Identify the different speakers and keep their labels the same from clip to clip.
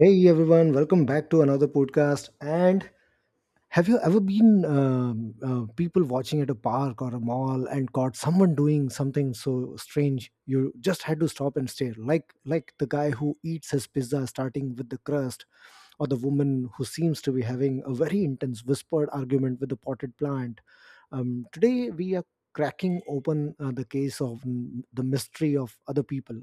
Speaker 1: Hey everyone, welcome back to another podcast. And have you ever been people watching at a park or a mall and caught someone doing something so strange you just had to stop and stare? Like the guy who eats his pizza starting with the crust, or the woman who seems to be having a very intense whispered argument with the potted plant. Today we are cracking open the case of the mystery of other people.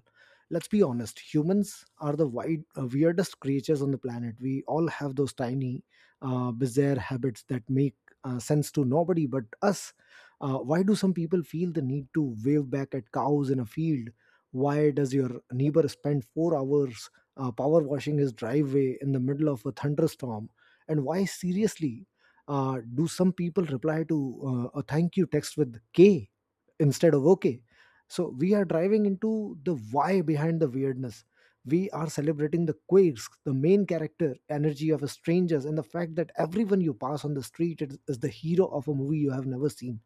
Speaker 1: Let's be honest, humans are the weirdest creatures on the planet. We all have those tiny bizarre habits that make sense to nobody but us. Why do some people feel the need to wave back at cows in a field? Why does your neighbor spend 4 hours power washing his driveway in the middle of a thunderstorm? And why, seriously, do some people reply to a thank you text with K instead of OK? So we are driving into the why behind the weirdness. We are celebrating the quirks, the main character, energy of strangers, and the fact that everyone you pass on the street is the hero of a movie you have never seen.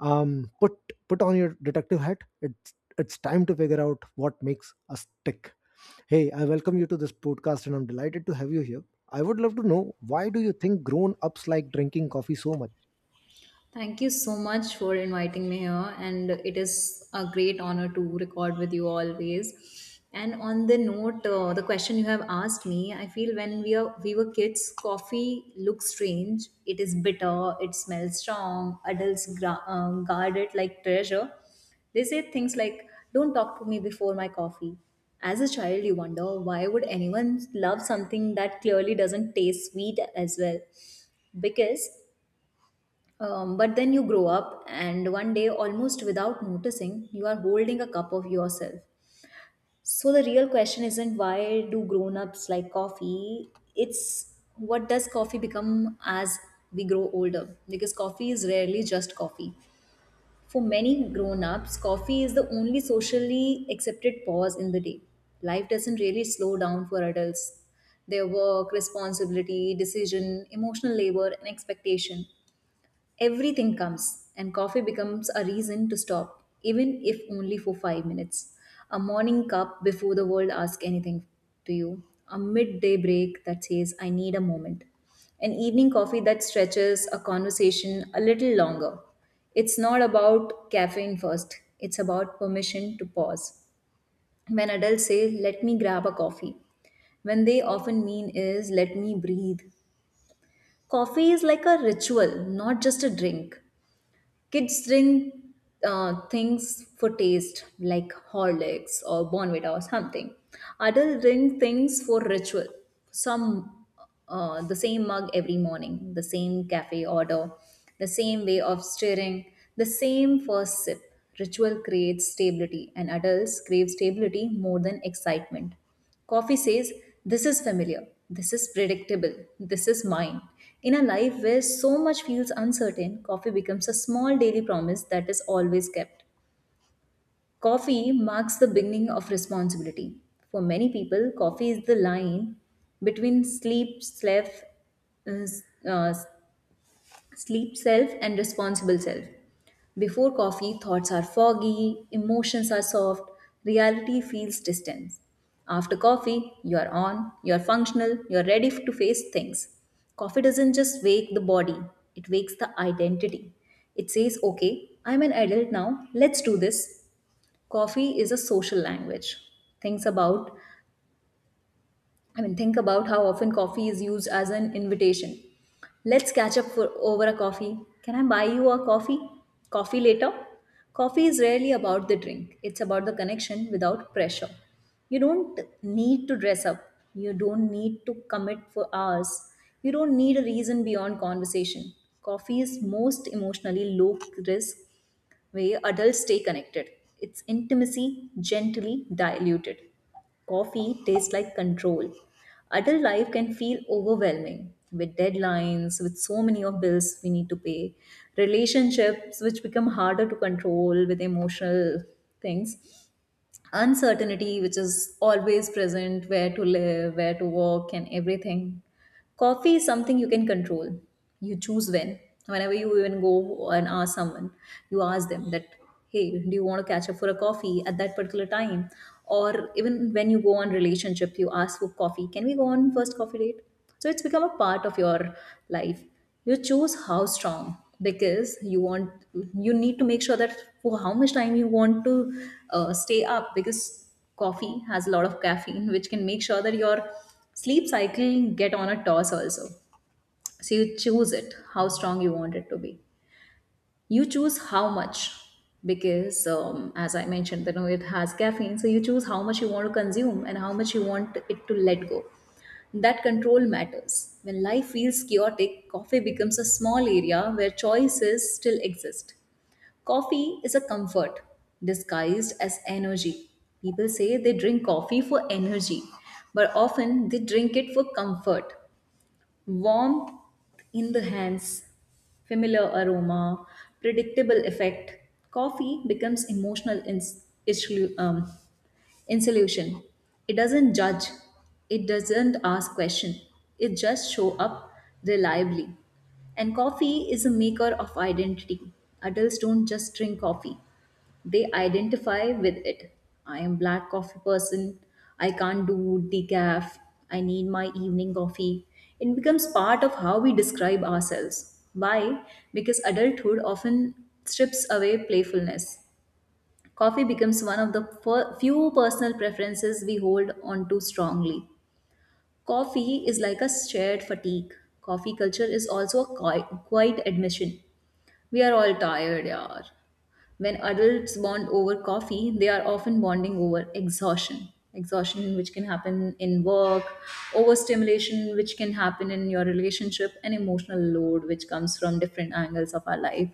Speaker 1: Um, put put on your detective hat. It's time to figure out what makes us tick. Hey, I welcome you to this podcast, and I'm delighted to have you here. I would love to know, why do you think grown ups like drinking coffee so much?
Speaker 2: Thank you so much for inviting me here, and it is a great honor to record with you always. And on the note, the question you have asked me, I feel when we were kids, coffee looks strange. It is bitter. It smells strong. Adults guard it like treasure. They say things like, "Don't talk to me before my coffee." As a child, you wonder why would anyone love something that clearly doesn't taste sweet as well because but then you grow up, and one day, almost without noticing, you are holding a cup of yourself. So the real question isn't why do grown ups like coffee? It's what does coffee become as we grow older? Because coffee is rarely just coffee. For many grown ups, coffee is the only socially accepted pause in the day. Life doesn't really slow down for adults. Their work, responsibility, decision, emotional labor, and expectation. Everything comes, and coffee becomes a reason to stop, even if only for 5 minutes. A morning cup before the world asks anything to you, a midday break that says, I need a moment, an evening coffee that stretches a conversation a little longer. It's not about caffeine first, it's about permission to pause. When adults say, let me grab a coffee, when they often mean is, let me breathe. Coffee is like a ritual, not just a drink. Kids drink things for taste, like Horlicks or Bonvita or something. Adults drink things for ritual. Some the same mug every morning, the same cafe order, the same way of stirring, the same first sip. Ritual creates stability, and adults crave stability more than excitement. Coffee says, this is familiar, this is predictable, this is mine. In a life where so much feels uncertain, coffee becomes a small daily promise that is always kept. Coffee marks the beginning of responsibility. For many people, coffee is the line between uh, s- uh, sleep self and responsible self. Before coffee, thoughts are foggy, emotions are soft, reality feels distant. After coffee, you're on, you're functional, you're ready to face things. Coffee doesn't just wake the body, it wakes the identity. It says, okay, I'm an adult now, let's do this. Coffee is a social language. Things about I mean, think about how often coffee is used as an invitation. Let's catch up for over a coffee. Can I buy you a coffee? Coffee later? Coffee is rarely about the drink, it's about the connection without pressure. You don't need to dress up, you don't need to commit for hours, you don't need a reason beyond conversation. Coffee is most emotionally low risk where adults stay connected. It's intimacy gently diluted. Coffee tastes like control. Adult life can feel overwhelming with deadlines, with so many of bills we need to pay, relationships which become harder to control with emotional things, uncertainty which is always present, where to live, where to work, and everything. Coffee is something you can control. You choose when. Whenever you even go and ask someone, you ask them that, hey, do you want to catch up for a coffee at that particular time? Or even when you go on relationship, you ask for coffee. Can we go on first coffee date? So it's become a part of your life. You choose how strong because you need to make sure that for how much time you want to stay up, because coffee has a lot of caffeine which can make sure that your sleep cycle get on a toss also, so you choose it how strong you want it to be. You choose how much, because as I mentioned, you know it has caffeine, so you choose how much you want to consume and how much you want it to let go. That control matters. When life feels chaotic, coffee becomes a small area where choices still exist. Coffee is a comfort disguised as energy. People say they drink coffee for energy, but often they drink it for comfort. Warmth in the hands, familiar aroma, predictable effect. Coffee becomes emotional insulation. It doesn't judge. It doesn't ask question. It just show up reliably. And coffee is a maker of identity. Adults don't just drink coffee. They identify with it. I am black coffee person. I can't do decaf. I need my evening coffee. It becomes part of how we describe ourselves. Why? Because adulthood often strips away playfulness. Coffee becomes one of the few personal preferences we hold onto strongly. Coffee is like a shared fatigue. Coffee culture is also a quiet admission. We are all tired, yaar. When adults bond over coffee, they are often bonding over exhaustion. Exhaustion, which can happen in work, overstimulation, which can happen in your relationship, and emotional load, which comes from different angles of our life.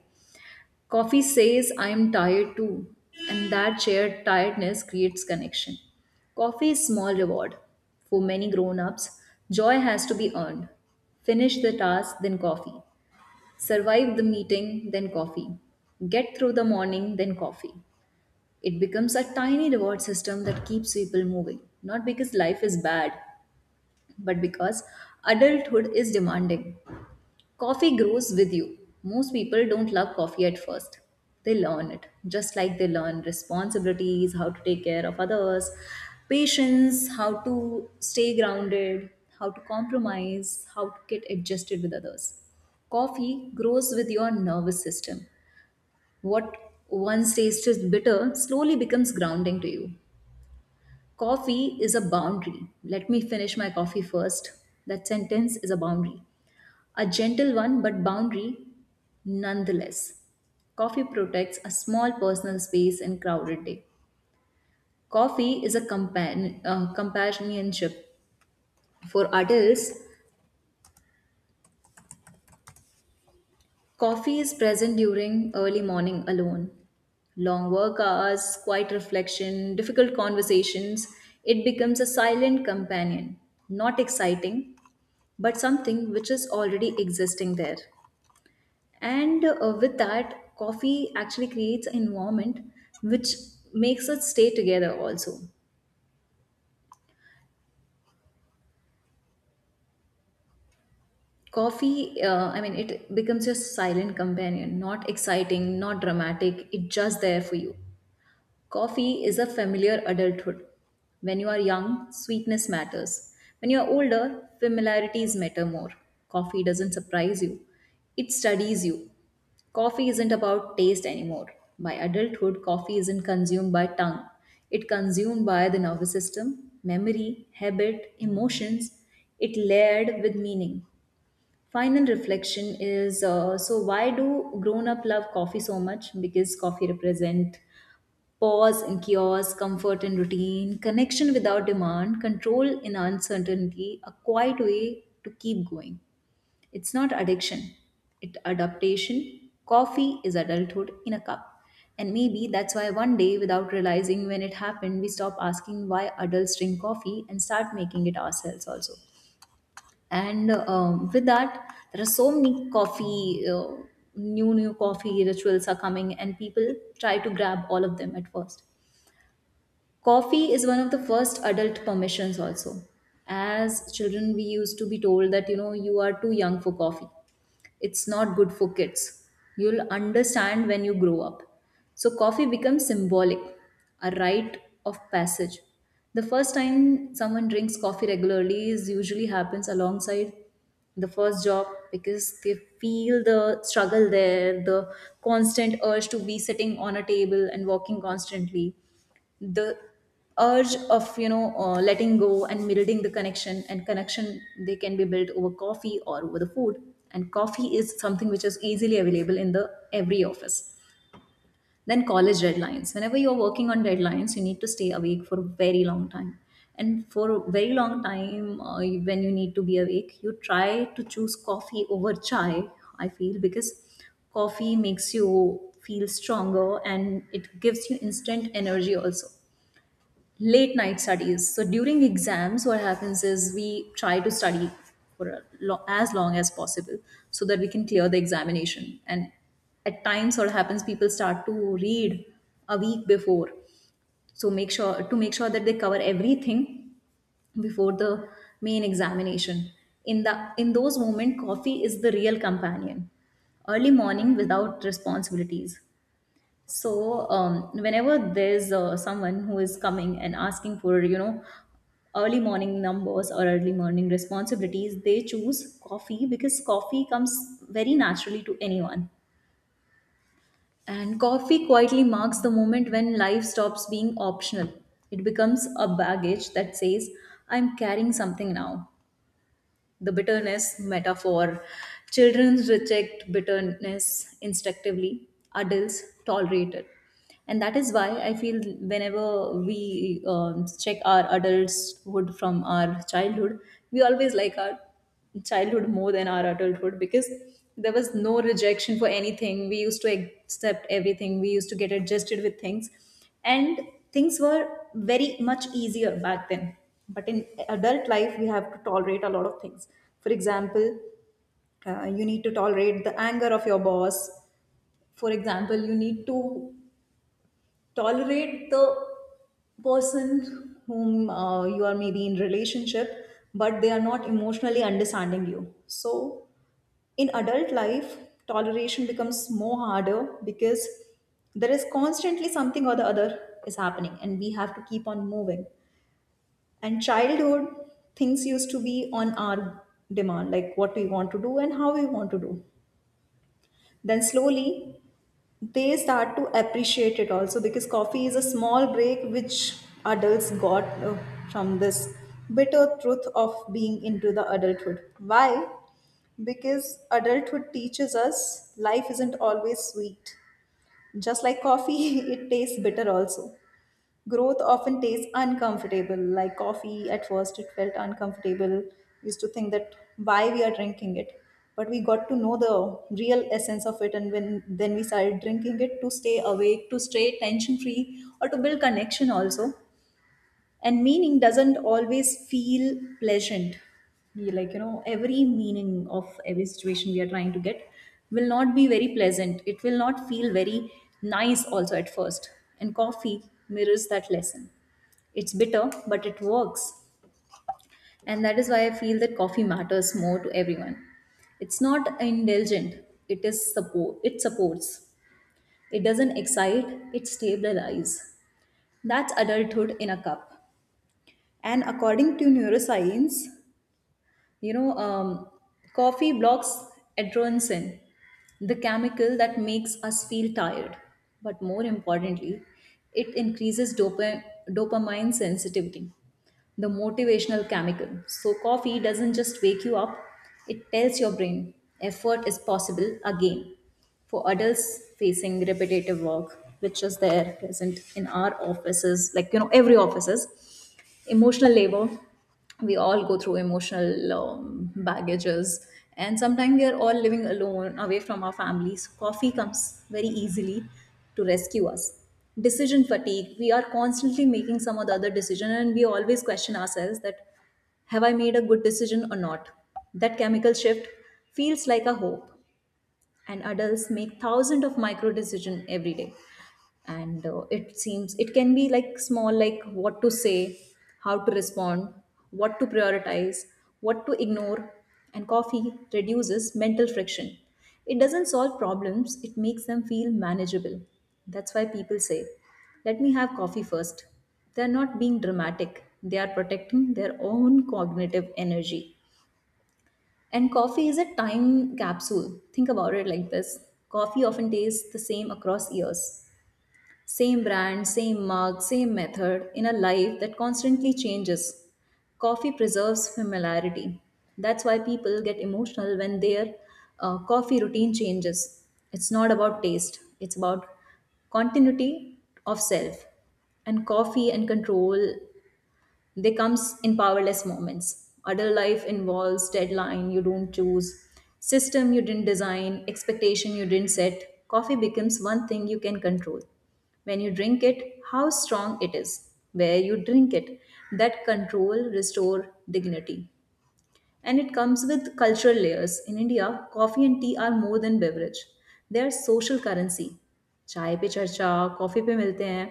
Speaker 2: Coffee says, I am tired too. And that shared tiredness creates connection. Coffee is small reward. For many grown ups, joy has to be earned. Finish the task, then coffee. Survive the meeting, then coffee. Get through the morning, then coffee. It becomes a tiny reward system that keeps people moving, not because life is bad, but because adulthood is demanding. Coffee grows with you. Most people don't love coffee at first. They learn it, just like they learn responsibilities, how to take care of others, patience, how to stay grounded, how to compromise, how to get adjusted with others. Coffee grows with your nervous system. What once tasted bitter slowly becomes grounding to you. Coffee is a boundary. Let me finish my coffee first. That sentence is a boundary. A gentle one, but boundary nonetheless. Coffee protects a small personal space in crowded day. Coffee is a companionship. For adults, coffee is present during early morning alone. Long work hours, quiet reflection, difficult conversations, it becomes a silent companion. Not exciting, but something which is already existing there. And with that, coffee actually creates an environment which makes us stay together also. Coffee, I mean, it becomes your silent companion, not exciting, not dramatic, it's just there for you. Coffee is a familiar adulthood. When you are young, sweetness matters. When you are older, familiarities matter more. Coffee doesn't surprise you, it studies you. Coffee isn't about taste anymore. By adulthood, coffee isn't consumed by tongue. It consumed by the nervous system, memory, habit, emotions. It layered with meaning. Final reflection is, so why do grown up love coffee so much? Because coffee represent pause in chaos, comfort in routine, connection without demand, control in uncertainty, a quiet way to keep going. It's not addiction, it's adaptation. Coffee is adulthood in a cup. And maybe that's why one day, without realizing when it happened, we stop asking why adults drink coffee and start making it ourselves also. And with that, there are so many new coffee rituals are coming, and people try to grab all of them at first. Coffee is one of the first adult permissions also. As children, we used to be told that, you are too young for coffee, it's not good for kids. You'll understand when you grow up. So, coffee becomes symbolic, a rite of passage. The first time someone drinks coffee regularly is usually happens alongside the first job, because they feel the struggle there, the constant urge to be sitting on a table and walking constantly, the urge of, letting go and building the connection, and connection they can be built over coffee or over the food. And coffee is something which is easily available in the every office. Then college deadlines, whenever you're working on deadlines, you need to stay awake for a very long time. And for a very long time, when you need to be awake, you try to choose coffee over chai, I feel, because coffee makes you feel stronger and it gives you instant energy also. Late night studies, so during exams what happens is we try to study for a as long as possible, so that we can clear the examination. And at times what happens, people start to read a week before, so make sure that they cover everything before the main examination. In those moments, coffee is the real companion. Early morning without responsibilities, so whenever there's someone who is coming and asking for, early morning numbers or early morning responsibilities, they choose coffee because coffee comes very naturally to anyone. And coffee quietly marks the moment when life stops being optional. It becomes a baggage that says, I'm carrying something now, the bitterness metaphor. Children reject bitterness instinctively, adults tolerate it. And that is why I feel whenever we check our adulthood from our childhood, we always like our childhood more than our adulthood because there was no rejection for anything. We used to accept everything. We used to get adjusted with things. And things were very much easier back then. But in adult life, we have to tolerate a lot of things. For example, you need to tolerate the anger of your boss. For example, you need to tolerate the person whom you are maybe in relationship, but they are not emotionally understanding you. So in adult life, toleration becomes more harder because there is constantly something or the other is happening and we have to keep on moving. And childhood, things used to be on our demand, like what we want to do and how we want to do. Then slowly they start to appreciate it also, because coffee is a small break which adults got from this bitter truth of being into the adulthood. Why? Because adulthood teaches us life isn't always sweet, just like coffee. It tastes bitter also. Growth often tastes uncomfortable, like coffee. At first it felt uncomfortable. Used to think that why we are drinking it, but we got to know the real essence of it, and when then we started drinking it to stay awake, to stay tension free, or to build connection also. And meaning doesn't always feel pleasant. Like you know, every meaning of every situation we are trying to get will not be very pleasant, it will not feel very nice also at first. And coffee mirrors that lesson. It's bitter, but it works. And that is why I feel that coffee matters more to everyone. It's not indulgent, it is support, it supports. It doesn't excite, it stabilizes. That's adulthood in a cup. And according to neuroscience, you know, coffee blocks adrenaline, the chemical that makes us feel tired. But more importantly, it increases dopamine sensitivity, the motivational chemical. So coffee doesn't just wake you up, it tells your brain effort is possible again. For adults facing repetitive work, which is there present in our offices, like you know, every offices, emotional labor, we all go through emotional baggages. And sometimes we are all living alone away from our families, coffee comes very easily to rescue us. Decision fatigue, we are constantly making some or the other decision and we always question ourselves that have I made a good decision or not. That chemical shift feels like a hope. And adults make thousands of micro decisions every day, and it seems it can be like small, like what to say, how to respond, what to prioritize, what to ignore. And coffee reduces mental friction. It doesn't solve problems, it makes them feel manageable. That's why people say, let me have coffee first. They are not being dramatic, they are protecting their own cognitive energy. And coffee is a time capsule. Think about it like this, coffee often tastes the same across years. Same brand, same mug, same method, in a life that constantly changes. Coffee preserves familiarity. That's why people get emotional when their coffee routine changes. It's not about taste, it's about continuity of self. And coffee and control, they comes in powerless moments. Adult life involves deadline you don't choose, system you didn't design, expectation you didn't set. Coffee becomes one thing you can control. When you drink it, how strong it is, where you drink it, that control restore dignity. And it comes with cultural layers. In India, coffee and tea are more than beverage. They are social currency. चाय पे चर्चा, coffee पे मिलते हैं.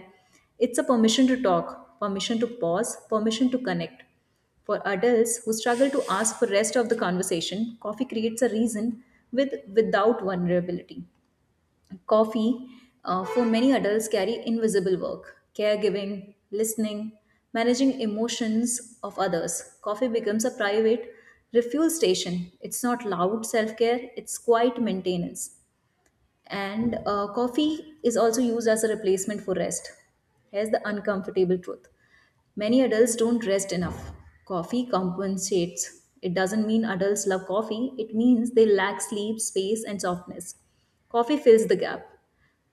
Speaker 2: It's a permission to talk, permission to pause, permission to connect. For adults who struggle to ask for rest of the conversation, coffee creates a reason with without vulnerability. Coffee, for many adults, carry invisible work, caregiving, listening, managing emotions of others. Coffee becomes a private refuel station. It's not loud self care, it's quiet maintenance. And coffee is also used as a replacement for rest. Here's the uncomfortable truth, many adults don't rest enough. Coffee compensates. It doesn't mean adults love coffee, it means they lack sleep, space, and softness. Coffee fills the gap.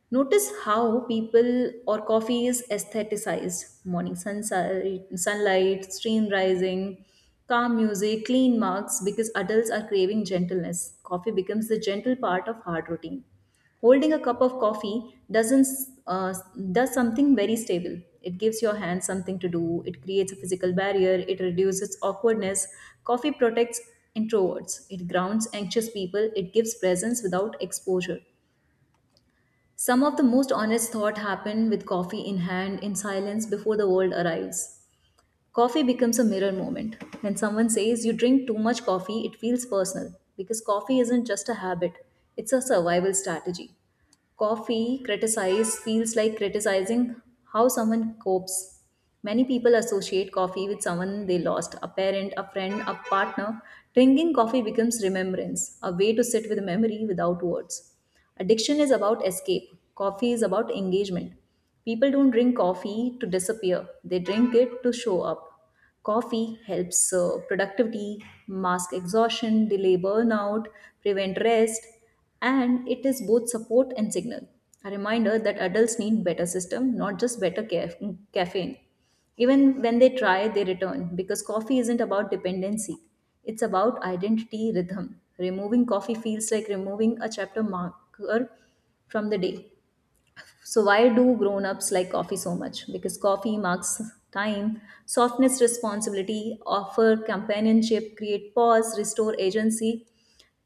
Speaker 2: Notice how people or coffee is aestheticized. Morning sunlight, sunlight, stream rising, calm music, clean marks, because adults are craving gentleness. Coffee becomes the gentle part of hard routine. Holding a cup of coffee doesn't uh, does something very stable. It gives your hand something to do. It creates a physical barrier. It reduces awkwardness. Coffee protects introverts. It grounds anxious people. It gives presence without exposure. Some of the most honest thought happen with coffee in hand, in silence, before the world arrives. Coffee becomes a mirror moment. When someone says you drink too much coffee, it feels personal because coffee isn't just a habit, it's a survival strategy. Coffee criticize feels like criticizing how someone copes. Many people associate coffee with someone they lost, a parent, a friend, a partner. Drinking coffee becomes remembrance, a way to sit with memory without words. Addiction is about escape, coffee is about engagement. People don't drink coffee to disappear, they drink it to show up. Coffee helps productivity, mask exhaustion, delay burnout, prevent rest, and it is both support and signal. A reminder that adults need better system, not just better caffeine. Even when they try, they return because coffee isn't about dependency. It's about identity rhythm. Removing coffee feels like removing a chapter marker from the day. So why do grown-ups like coffee so much? Because coffee marks time, softness, responsibility, offer companionship, create pause, restore agency.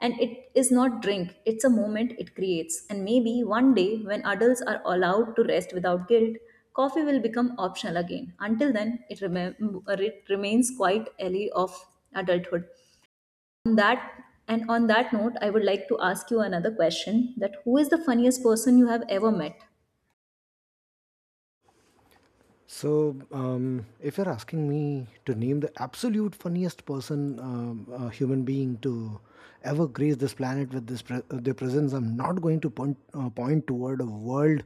Speaker 2: And it is not drink, it's a moment it creates. And maybe one day when adults are allowed to rest without guilt, coffee will become optional again. Until then, it remains quite alley of adulthood. On that on that note, I would like to ask you another question that who is the funniest person you have ever met?
Speaker 1: So, if you're asking me to name the absolute funniest person, a human being to ever grace this planet with their presence, I'm not going to point toward a world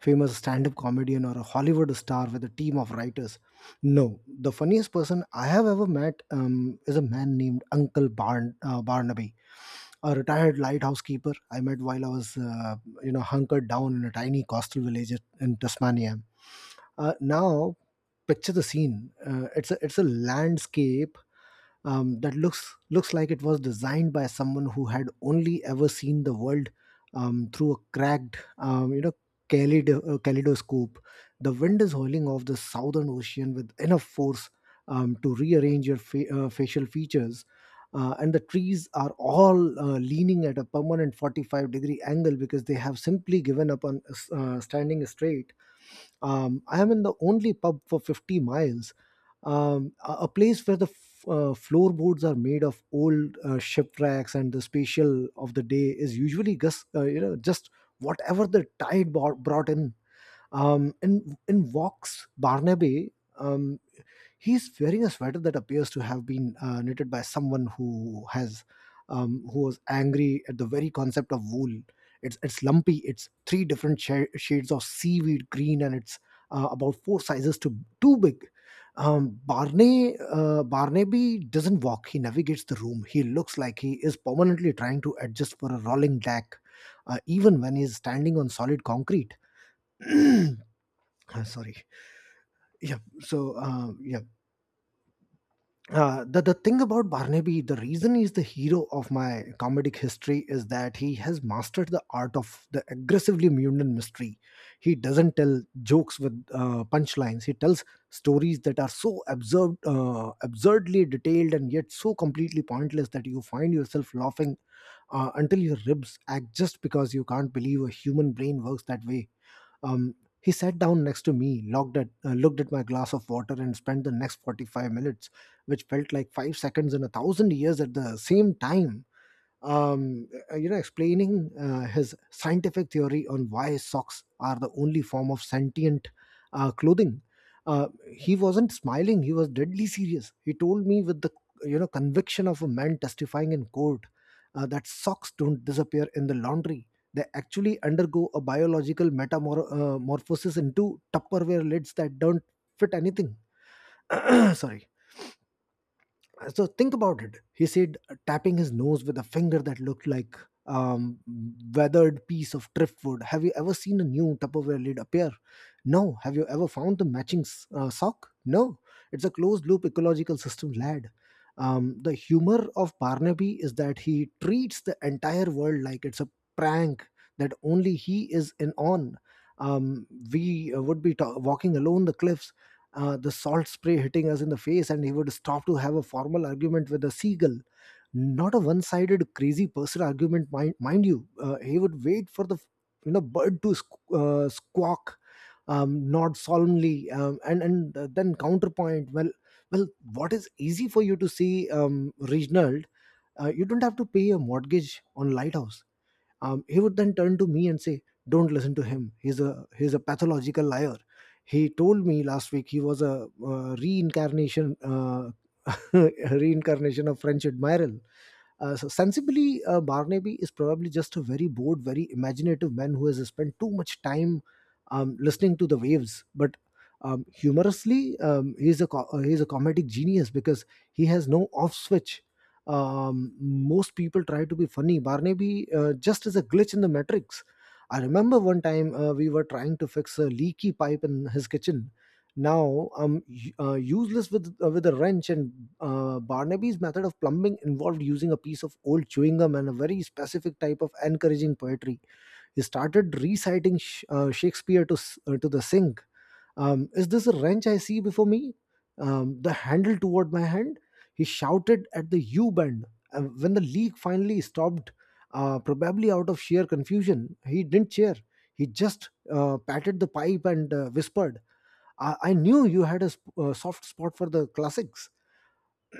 Speaker 1: famous stand-up comedian or a Hollywood star with a team of writers. No, the funniest person I have ever met is a man named Uncle Barnaby, a retired lighthouse keeper I met while I was, hunkered down in a tiny coastal village in Tasmania. Now, picture the scene. It's a landscape that looks like it was designed by someone who had only ever seen the world through a cracked, you know, kaleido, kaleidoscope. The wind is howling off the southern ocean with enough force to rearrange your facial features. And the trees are all leaning at a permanent 45-degree angle because they have simply given up on standing straight. I am in the only pub for 50 miles, a place where the floorboards are made of old shipwrecks, and the special of the day is usually just you know just whatever the tide brought in. In Vox Barnaby. Um. He's wearing a sweater that appears to have been knitted by someone who was angry at the very concept of wool. It's lumpy. It's three different shades of seaweed green, and it's about four sizes too big. Barney Barnaby doesn't walk. He navigates the room. He looks like he is permanently trying to adjust for a rolling deck, even when he's standing on solid concrete. Sorry. Yeah. So the thing about Barnaby, the reason he's the hero of my comedic history is that he has mastered the art of the aggressively mutant mystery. He doesn't tell jokes with punchlines. He tells stories that are so absurd, absurdly detailed, and yet so completely pointless that you find yourself laughing until your ribs act just because you can't believe a human brain works that way. um, he sat down next to me, looked at my glass of water, and spent the next 45 minutes, which felt like 5 seconds and 1,000 years at the same time, explaining his scientific theory on why socks are the only form of sentient clothing. Uh, he wasn't smiling; he was deadly serious. He told me with the conviction of a man testifying in court, that socks don't disappear in the laundry. They actually undergo a biological metamorphosis into Tupperware lids that don't fit anything. Sorry. So think about it, he said, tapping his nose with a finger that looked like um weathered piece of driftwood. Have you ever seen a new tupperware lid appear? No. Have you ever found the matching sock? No. It's a closed loop ecological system, lad. The humor of barnaby is that he treats the entire world like it's a prank that only he is in on. We would be walking alone the cliffs, the salt spray hitting us in the face, and he would stop to have a formal argument with a seagull. Not a one-sided crazy person argument, mind you. He would wait for the bird to squawk, nod solemnly, and then counterpoint. Well, what is easy for you to see, Reginald? You don't have to pay a mortgage on lighthouse. He would then turn to me and say, don't listen to him, he's a pathological liar. He told me last week he was a reincarnation, reincarnation of french admiral. So sensibly, barnaby is probably just a very bored, very imaginative man who has spent too much time listening to the waves. But humorously, he's a comedic genius because he has no off switch. Most people try to be funny. Barnaby just is a glitch in the matrix. I remember one time we were trying to fix a leaky pipe in his kitchen. Now I'm useless with a wrench, and barnaby's method of plumbing involved using a piece of old chewing gum and a very specific type of encouraging poetry. He started reciting Shakespeare to the sink. Is this a wrench I see before me? The handle toward my hand? He shouted at the U bend. When the leak finally stopped, probably out of sheer confusion, he didn't cheer. He just patted the pipe and whispered, I knew you had a soft spot for the classics.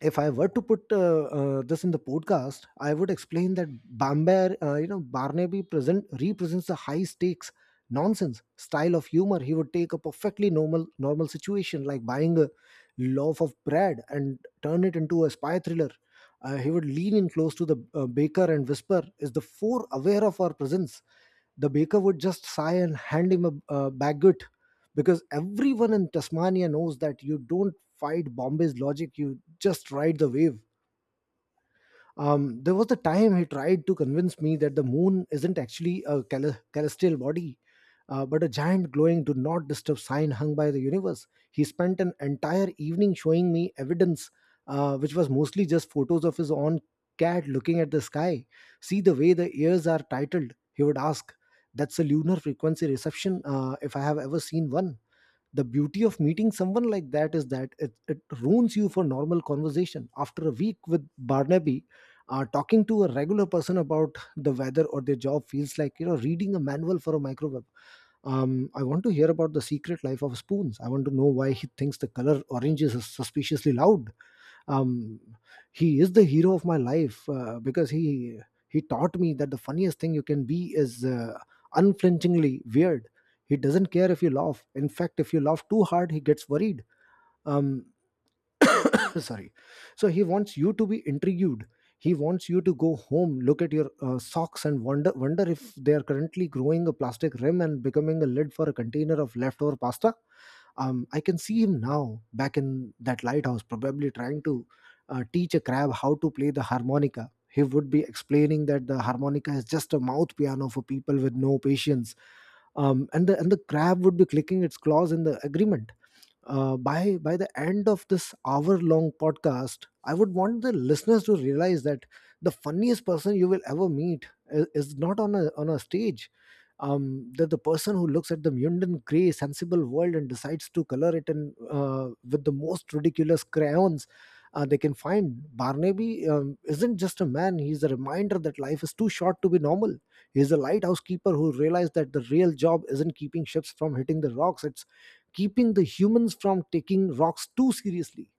Speaker 1: If I were to put this in the podcast, I would explain that Bamber, you know, Barnaby present represents the high stakes nonsense style of humor. He would take a perfectly normal situation like buying a loaf of bread and turn it into a spy thriller. He would lean in close to the baker and whisper, "Is the four aware of our presence?" The baker would just sigh and hand him a baguette, because everyone in Tasmania knows that you don't fight Bombay's logic, you just ride the wave. There was the time he tried to convince me that the moon isn't actually a celestial body, but a giant glowing do not disturb sign hung by the universe. He spent an entire evening showing me evidence, which was mostly just photos of his own cat looking at the sky. See the way the ears are titled, he would ask. That's a lunar frequency reception, if I have ever seen one. The beauty of meeting someone like that is that it ruins you for normal conversation. After a week with barnaby, talking to a regular person about the weather or their job feels like reading a manual for a microwave. I want to hear about the secret life of spoons. I want to know why he thinks the color orange is suspiciously loud. um he is the hero of my life because he taught me that the funniest thing you can be is unflinchingly weird. He doesn't care if you laugh. In fact, if you laugh too hard he gets worried. um Sorry. So he wants you to be intrigued. He wants you to go home, look at your socks and wonder if they are currently growing a plastic rim and becoming a lid for a container of leftover pasta. I can see him now, back in that lighthouse, probably trying to teach a crab how to play the harmonica. He would be explaining that the harmonica is just a mouth piano for people with no patience, and the crab would be clicking its claws in the agreement. By the end of this hour long podcast, I would want the listeners to realize that the funniest person you will ever meet is not on a stage, that the person who looks at the mundane, gray, sensible world and decides to color it in with the most ridiculous crayons they can find. Barnaby isn't just a man; he's a reminder that life is too short to be normal. He's a lighthouse keeper who realized that the real job isn't keeping ships from hitting the rocks; it's keeping the humans from taking rocks too seriously.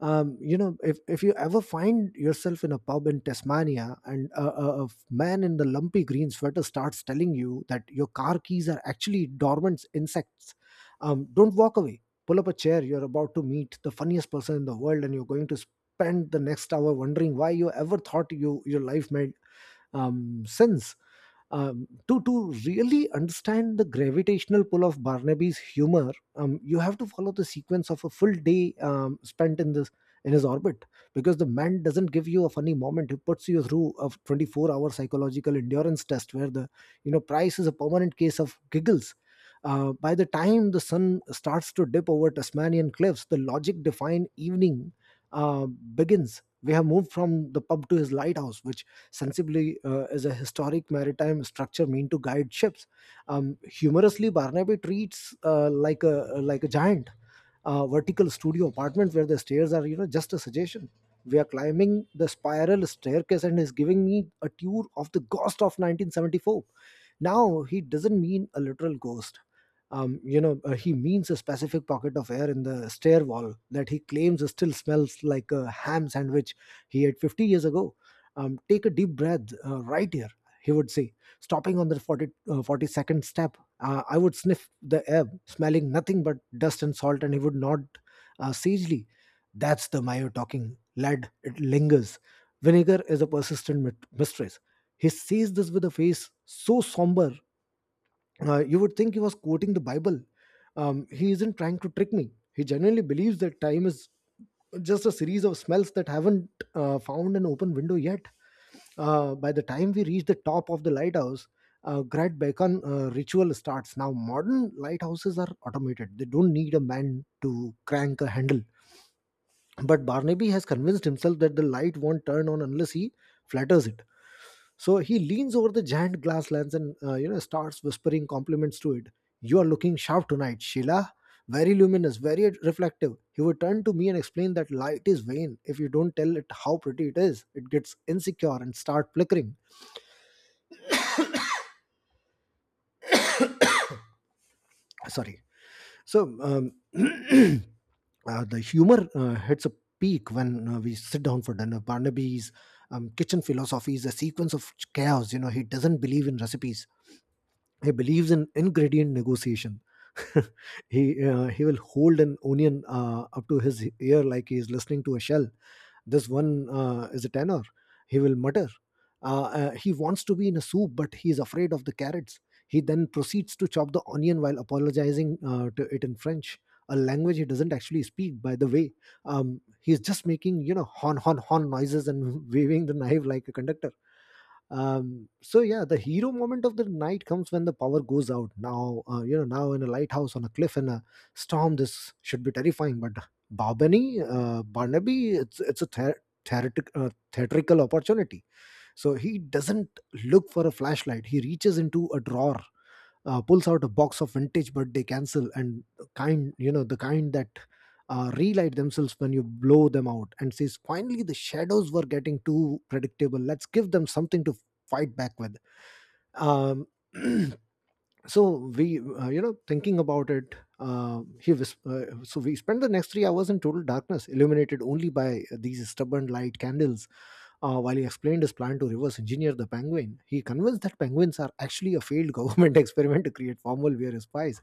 Speaker 1: If you ever find yourself in a pub in Tasmania and a man in the lumpy green sweater starts telling you that your car keys are actually dormant insects, don't walk away. Pull up a chair. You're about to meet the funniest person in the world, and you're going to spend the next hour wondering why you ever thought your life made sense. To really understand the gravitational pull of Barnaby's humor, you have to follow the sequence of a full day spent in this in his orbit, because the man doesn't give you a funny moment. He puts you through a 24-hour psychological endurance test where the price is a permanent case of giggles. By the time the sun starts to dip over Tasmanian cliffs, the logic defined evening begins. We have moved from the pub to his lighthouse, which sensibly as a historic maritime structure meant to guide ships. Humorously, Barnaby treats like a giant vertical studio apartment where the stairs are, just a suggestion. We are climbing the spiral staircase and is giving me a tour of the ghost of 1974. Now he doesn't mean a literal ghost. He means a specific pocket of air in the stair wall that he claims still smells like a ham sandwich he ate 50 years ago. Take a deep breath right here, he would say, stopping on the 42nd step. I would sniff the air, smelling nothing but dust and salt, and he would nod sagely. That's the mayo talking, lad. It lingers. Vinegar is a persistent mistress. He sees this with a face so somber you would think he was quoting the Bible. He isn't trying to trick me. He genuinely believes that time is just a series of smells that haven't found an open window yet. By the time we reach the top of the lighthouse, Great Beacon ritual starts. Now, modern lighthouses are automated; they don't need a man to crank a handle. But Barnaby has convinced himself that the light won't turn on unless he flatters it. So he leans over the giant glass lens and starts whispering compliments to it. You are looking sharp tonight, Sheila. Very luminous, very reflective. He would turn to me and explain that light is vain. If you don't tell it how pretty it is, it gets insecure and start flickering. Sorry. So the humor hits a peak when we sit down for dinner. Barnaby's kitchen philosophy is a sequence of chaos. You know, he doesn't believe in recipes. He believes in ingredient negotiation. He he will hold an onion up to his ear like he is listening to a shell. This one is a tenor, he will mutter. He wants to be in a soup, but he is afraid of the carrots. He then proceeds to chop the onion while apologizing to it in French, a language he doesn't actually speak, by the way. He is just making, hon hon hon noises and waving the knife like a conductor. Yeah, the hero moment of the night comes when the power goes out. Now you know Now, in a lighthouse on a cliff in a storm, this should be terrifying, but Barnaby, it's a theatrical opportunity. So he doesn't look for a flashlight. He reaches into a drawer, pulls out a box of vintage birthday cancel, and the kind, the kind that relight themselves when you blow them out, and says, finally the shadows were getting too predictable. Let's give them something to fight back with. um, so we, thinking about it, he was so we spent the next 3 hours in total darkness, illuminated only by these stubborn light candles, while he explained his plan to reverse engineer the penguin. He convinced that penguins are actually a failed government experiment to create formal wear spies.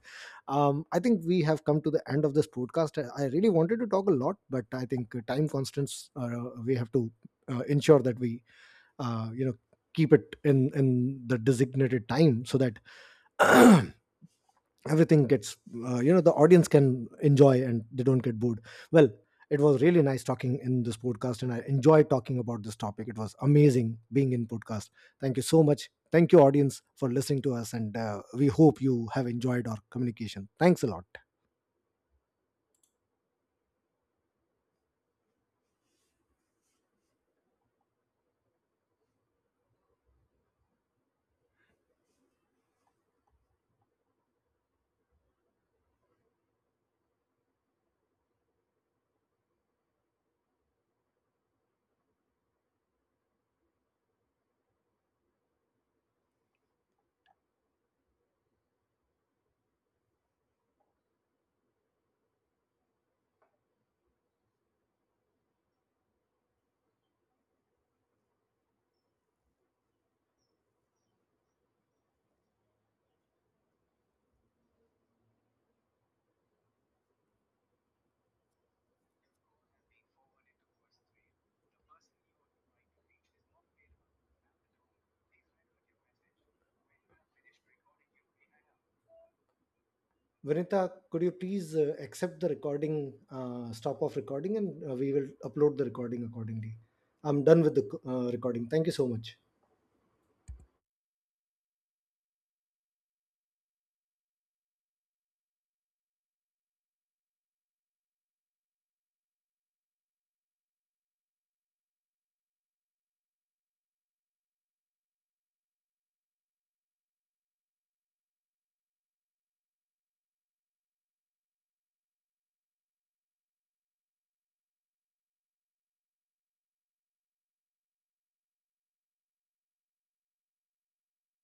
Speaker 1: I think we have come to the end of this podcast. I really wanted to talk a lot, but I think time constants, we have to ensure that we uh, you know keep it in the designated time so that everything gets, the audience can enjoy and they don't get bored. Well, it was really nice talking in this podcast, and I enjoyed talking about this topic. It was amazing being in podcast. Thank you so much. Thank you, audience, for listening to us, and we hope you have enjoyed our communication. Thanks a lot. Vinita, could you please accept the recording, stop off recording, and we will upload the recording accordingly. I'm done with the recording. Thank you so much.